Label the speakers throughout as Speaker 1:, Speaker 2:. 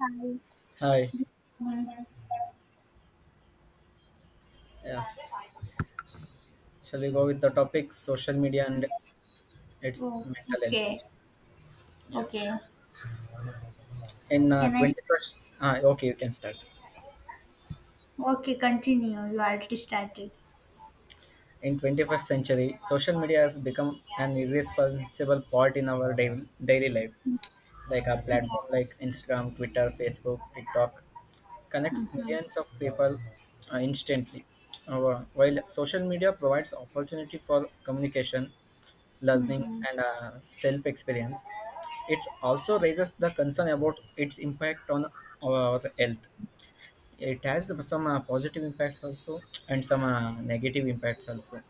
Speaker 1: Hi.
Speaker 2: Hi.
Speaker 1: One.
Speaker 2: Yeah. Shall we go with the topic social media and
Speaker 1: Yes.
Speaker 2: its
Speaker 1: Oh,
Speaker 2: mental health?
Speaker 1: okay.
Speaker 2: Yeah.
Speaker 1: Okay.
Speaker 2: In
Speaker 1: Can I?
Speaker 2: 21st, okay, you can start.
Speaker 1: Okay, continue. You already started.
Speaker 2: In 21st century, social media has become an irresponsible part in our daily life. Like a platform
Speaker 1: Yeah.
Speaker 2: like Instagram, Twitter, Facebook, TikTok connects
Speaker 1: Mm-hmm.
Speaker 2: millions of people instantly. While social media provides opportunity for communication, learning,
Speaker 1: Mm-hmm.
Speaker 2: and self experience. It also raises the concern about its impact on our health. It has some positive impacts also and some negative impacts also.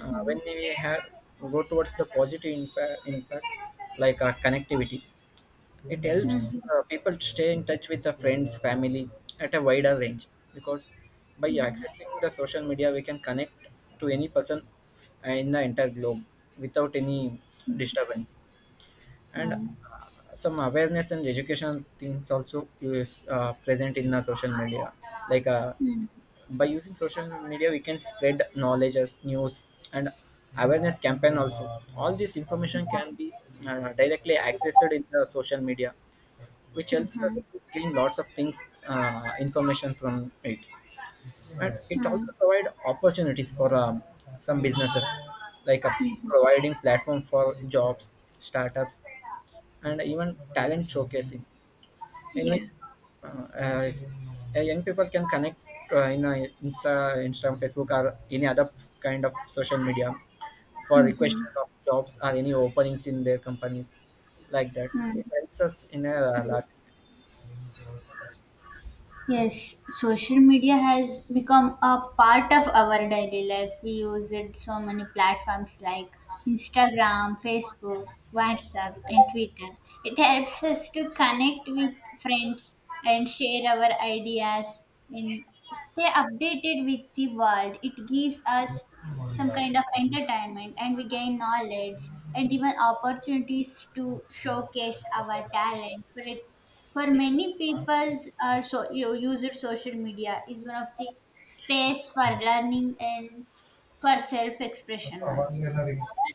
Speaker 2: When we have go towards the impact, like connectivity. It helps
Speaker 1: Mm-hmm.
Speaker 2: people to stay in touch with their friends, family at a wider range because by
Speaker 1: Yeah.
Speaker 2: accessing the social media, we can connect to any person in the entire globe without any disturbance. And
Speaker 1: Mm-hmm.
Speaker 2: some awareness and educational things also is present in the social media. Like
Speaker 1: Mm-hmm.
Speaker 2: by using social media, we can spread knowledge as news and awareness campaign also. All this information can
Speaker 1: Yeah.
Speaker 2: be directly accessed in the social media which
Speaker 1: Mm-hmm.
Speaker 2: helps
Speaker 1: Mm-hmm.
Speaker 2: us to gain lots of things information from it, and it
Speaker 1: Mm-hmm.
Speaker 2: also provide opportunities for some businesses, like providing platform for jobs startups and even talent showcasing in
Speaker 1: Yeah.
Speaker 2: which uh, uh, young people can connect in instagram facebook or any other kind of social media for requesting
Speaker 1: Mm-hmm.
Speaker 2: of jobs or any openings in their companies like that
Speaker 1: Mm-hmm.
Speaker 2: it helps us in a large
Speaker 1: Yes. Yes, social media has become a part of our daily life. We use it so many platforms like Instagram, Facebook, WhatsApp, and Twitter. It helps us to connect with friends and share our ideas and stay updated with the world. It gives us some kind of entertainment, and we gain knowledge and even opportunities to showcase our talent. For it, for many people, our so, you use of social media is one of the space for learning and for self-expression also.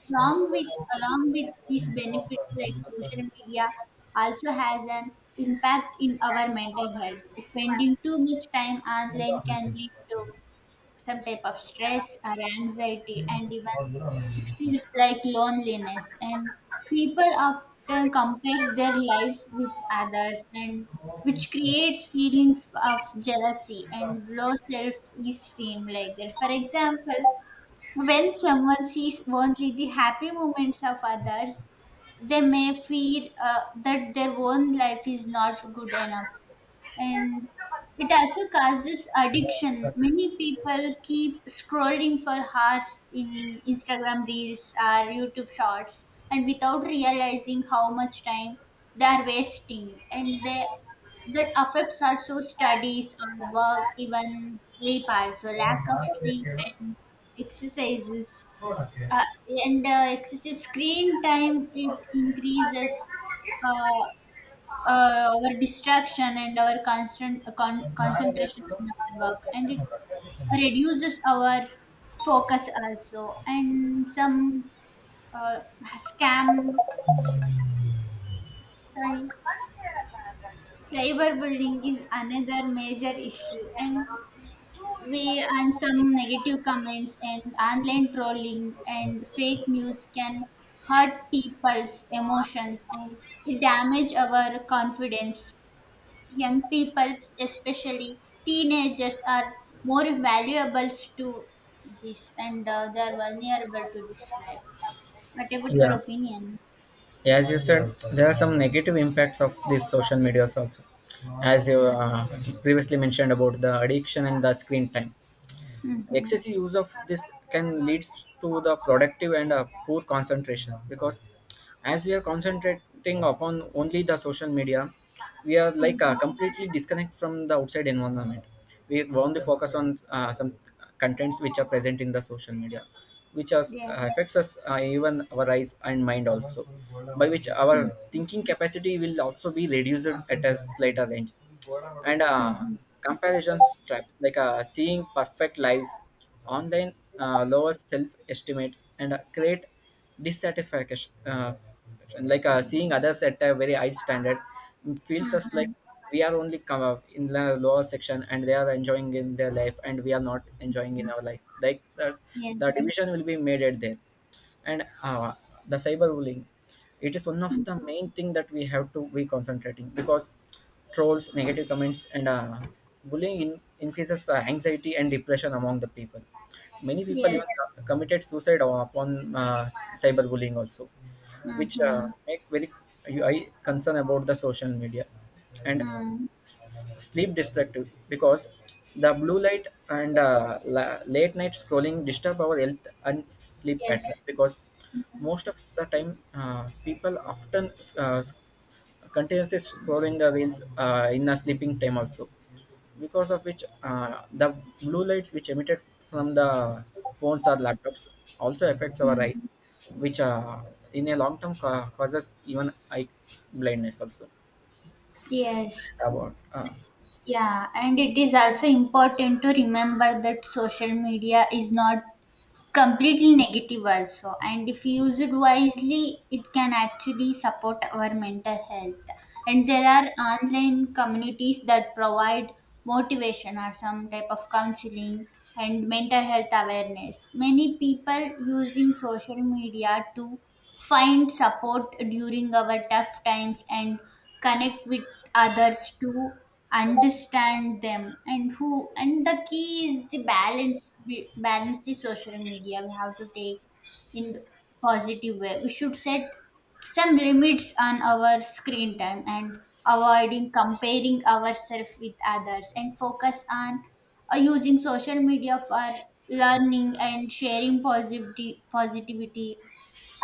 Speaker 1: Along with along with these benefits, like social media, also has an impact in our mental health. Spending too much time online can lead to some type of stress or anxiety, and even it feels like loneliness, and people often compare their life with others, and which creates feelings of jealousy and low self-esteem, like that for example, when someone sees only the happy moments of others, they may feel that their own life is not good enough. And it also causes addiction. Many people keep scrolling for hours in Instagram reels or YouTube shorts and without realizing how much time they are wasting, and they, that affects also studies or work, even sleep also, lack of sleep and exercises, and excessive screen time, it increases uh, our distraction and our constant concentration on our work, and it reduces our focus also, and some uh, scam, sorry, cyberbullying is another major issue. And we, and some negative comments and online trolling and fake news can hurt people's emotions, and it damage our confidence. Young people, especially teenagers, are more valuable to this, and they are vulnerable to this life. What about your
Speaker 2: yeah.
Speaker 1: opinion?
Speaker 2: Yeah, as you said, there are some negative impacts of these social medias also, as you
Speaker 1: Yeah.
Speaker 2: previously mentioned about the addiction and the screen time.
Speaker 1: Mm-hmm.
Speaker 2: Excessive use of this can lead to the productive and poor concentration because as we are concentrating upon only the social media we are like
Speaker 1: Mm-hmm.
Speaker 2: completely disconnect from the outside environment. We only focus on some contents which are present in the social media which are,
Speaker 1: Yeah.
Speaker 2: affects us even our eyes and mind also, by which our
Speaker 1: Mm-hmm.
Speaker 2: thinking capacity will also be reduced at a later range. And comparison trap, like seeing perfect lives online lowers self-estimate and create dissatisfaction, like seeing others at a very high standard feels us like
Speaker 1: Mm-hmm.
Speaker 2: we are only come up in the lower section and they are enjoying in their life and we are not enjoying in our life like that. The
Speaker 1: Yes.
Speaker 2: division will be made at there. And the cyberbullying, it is one of
Speaker 1: Mm.
Speaker 2: the main thing that we have to be concentrating because trolls negative comments and increases anxiety and depression among the people. Many people even
Speaker 1: Yes.
Speaker 2: committed suicide upon cyberbullying also, which
Speaker 1: Mm-hmm.
Speaker 2: make very I concern about the social media. And
Speaker 1: Mm.
Speaker 2: sleep destructive because the blue light and late night scrolling disturb our health and sleep pattern,
Speaker 1: Yes.
Speaker 2: because most of the time people often uh, continuously scrolling the reels in a sleeping time also, because of which the blue lights which emitted from the phones or laptops also affects our eyes,
Speaker 1: Mm-hmm.
Speaker 2: which in a long term causes even eye blindness also
Speaker 1: Yes,
Speaker 2: about
Speaker 1: yeah, and it is also important to remember that social media is not completely negative also, and if used wisely it can actually support our mental health. And there are online communities that provide motivation or some type of counseling and mental health awareness. Many people using social media to find support during our tough times and connect with others to understand them and who, and the key is the balance, balance the social media we have to take in positive way. We should set some limits on our screen time and avoiding comparing ourselves with others and focus on using social media for learning and sharing positivity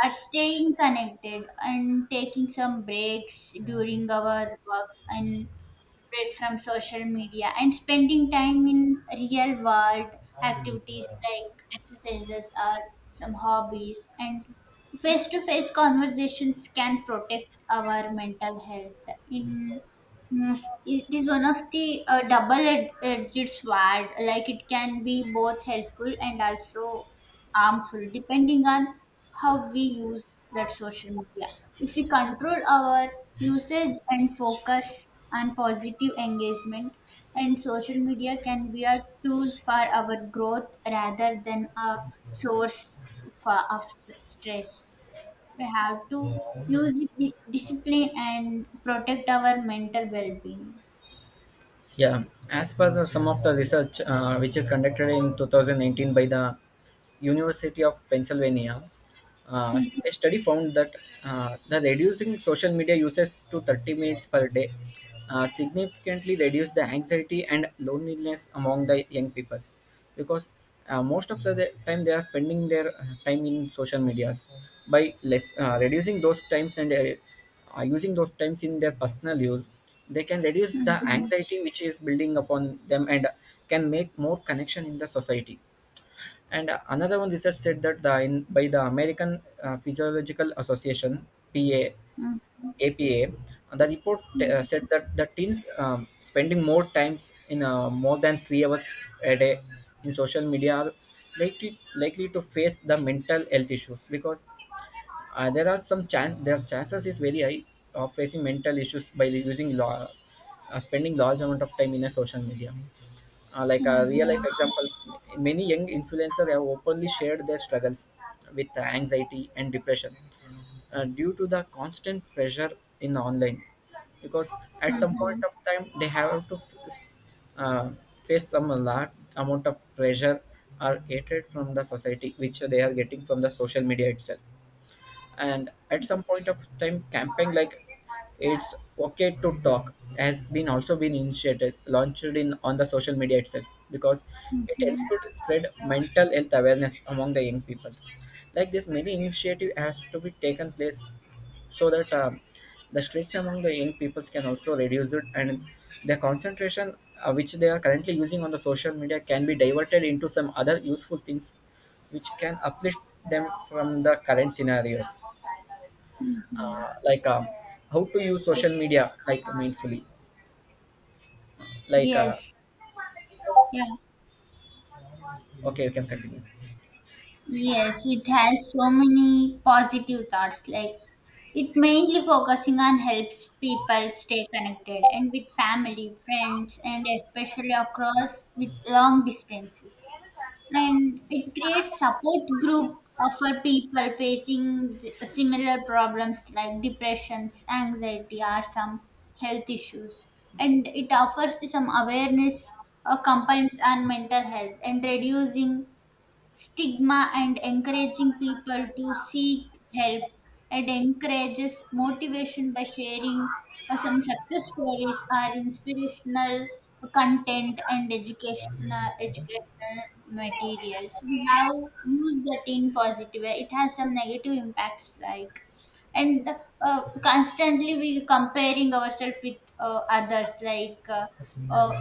Speaker 1: are staying connected and taking some breaks during our works and break from social media and spending time in real world activities like exercises or some hobbies, and face to face conversations can protect our mental health in. Mm, it is one of the double edged sword, like it can be both helpful and also harmful depending on how we use that social media. If we control our usage and focus on positive engagement, and social media can be a tool for our growth rather than a source for, of stress. We have to use it with discipline and protect our mental well-being.
Speaker 2: Yeah, as per the, some of the research which is conducted in 2019 by the University of Pennsylvania,
Speaker 1: Mhm.
Speaker 2: a study found that the reducing social media uses to 30 minutes per day significantly reduce the anxiety and loneliness among the young people, because most of the time they are spending their time in social medias, by less reducing those times and using those times in their personal use they can reduce the
Speaker 1: Mhm.
Speaker 2: anxiety which is building upon them and can make more connection in the society. And another one research said that the in, by the american physiological association, pa, apa, the report said that the teens spending more times in more than 3 hours a day in social media are likely likely to face the mental health issues, because there are some chance their chances is very high of facing mental issues by using law, spending large amount of time in a social media, like a real life
Speaker 1: Mhm.
Speaker 2: example, many young influencers have openly shared their struggles with anxiety and depression due to the constant pressure in online, because at some point
Speaker 1: Mhm.
Speaker 2: of time they have to uh, face some large amount of pressure or hatred from the society which they are getting from the social media itself. And at some point of time camping like it's okay to talk has been also been initiated launched in on the social media itself, because it helps
Speaker 1: Mhm.
Speaker 2: to spread mental health awareness among the young peoples. Like this many initiative has to be taken place so that the stress among the young peoples can also reduce it and the concentration which they are currently using on the social media can be diverted into some other useful things which can uplift them from the current scenarios.
Speaker 1: Mhm.
Speaker 2: Like how to use social
Speaker 1: Yes.
Speaker 2: media like mindfully, like
Speaker 1: Yes, yeah,
Speaker 2: okay you can continue.
Speaker 1: yes, it has so many positive thoughts. Like it mainly focusing on helps people stay connected and with family, friends, and especially across with long distances. And it creates support group for people facing similar problems like depressions, anxiety, or some health issues. And it offers some awareness complaints on mental health and reducing stigma and encouraging people to seek help, and encourages motivation by sharing some success stories or inspirational content and educational materials. We have used that in positive way, it has some negative impacts like. And constantly we comparing ourselves with others, like uh,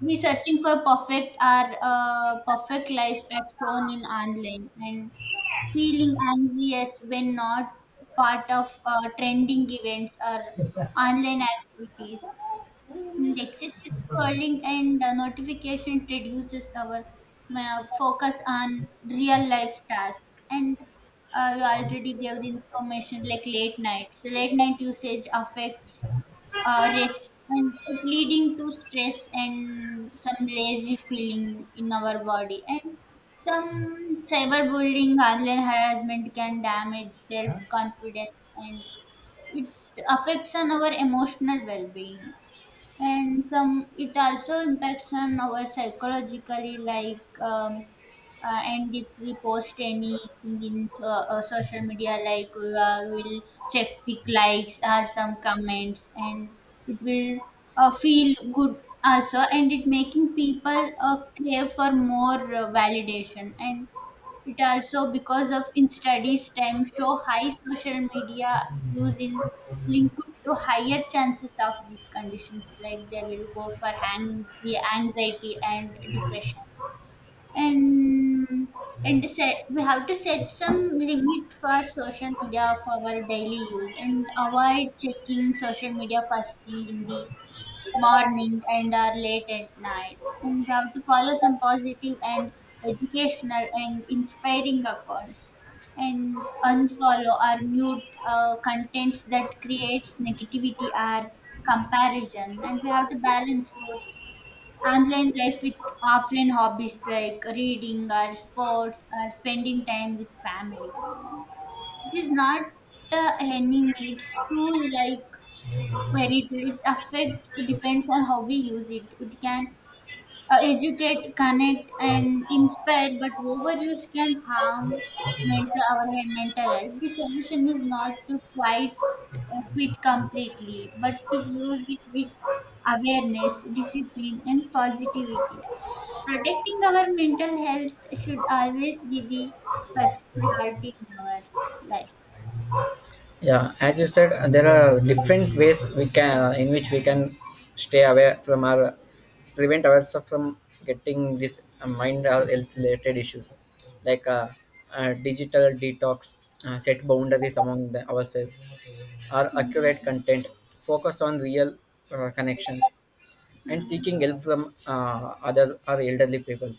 Speaker 1: we searching for perfect our perfect life as shown in online and feeling anxious when not part of trending events or online activities. And excessive scrolling and notification reduces our focus on real life tasks. And you already gave the information like late nights. Late night usage affects rest, and it leading to stress and some lazy feeling in our body, and some cyberbullying, online harassment can damage self-confidence, and it affects on our emotional well-being. And some, it also impacts on our psychologically, like and if we post anything in so, social media, like we we'll check the likes or some comments, and it will feel good also, and it making people crave for more validation. And it also, because of in studies time, show high social media use in linked to higher chances of these conditions, like they will go for hang, the anxiety and depression. And and set, we have to set some limit for social media for our daily use and avoid checking social media first thing in the morning and are late at night, and we have to follow some positive and educational and inspiring accounts and unfollow or mute contents that creates negativity or comparison. And we have to balance both online life with offline hobbies like reading or sports or spending time with family. It is not any needs to, like, where it. Its effect depends on how we use it. It can educate, connect, and inspire, but overuse can harm mental our head mental health. The solution is not to quite quit completely, but to use it with awareness, discipline, and positivity. Protecting our mental health should always be the first priority in our life.
Speaker 2: Yeah, as you said there are different ways we can in which we can stay away from our prevent ourselves from getting this mind or health related issues, like digital detox, set boundaries among the, ourselves or accurate
Speaker 1: Mhm.
Speaker 2: content focus on real connections and
Speaker 1: Mhm.
Speaker 2: seeking help from other or elderly peoples.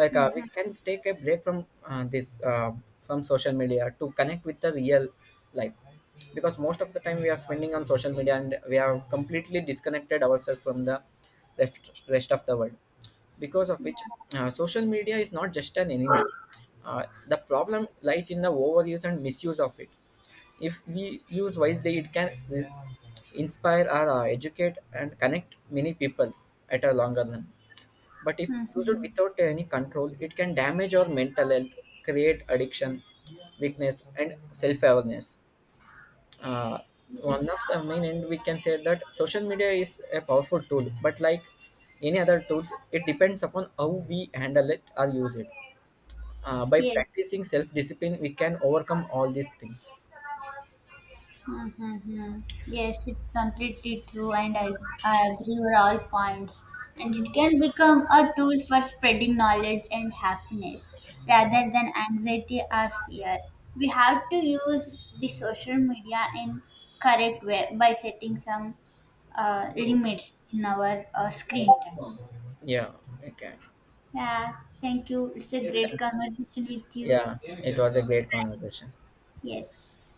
Speaker 2: Like we
Speaker 1: Mhm.
Speaker 2: can take a break from this from social media to connect with the real life, because most of the time we are spending on social media and we have completely disconnected ourselves from the rest of the world, because of
Speaker 1: Yeah.
Speaker 2: which social media is not just an enemy. The problem lies in the overuse and misuse of it. If we use wisely it can inspire or educate and connect many peoples at a longer run, but if used
Speaker 1: Mhm.
Speaker 2: without any control, it can damage our mental health, create addiction, weakness, and self awareness. Uh, One of
Speaker 1: Yes.
Speaker 2: the main end we can say that social media is a powerful tool, but like any other tools, it depends upon how we handle it or use it. By
Speaker 1: Yes.
Speaker 2: practicing self discipline, we can overcome all these things.
Speaker 1: Mm-hmm. Yes, it's completely true, and I agree with all points. And it can become a tool for spreading knowledge and happiness rather than anxiety or fear. We have to use the social media in correct way by setting some limits in our screen time.
Speaker 2: Yeah, we can.
Speaker 1: Yeah, thank you. It's a great conversation with you.
Speaker 2: Yeah, it was a great conversation.
Speaker 1: Yes.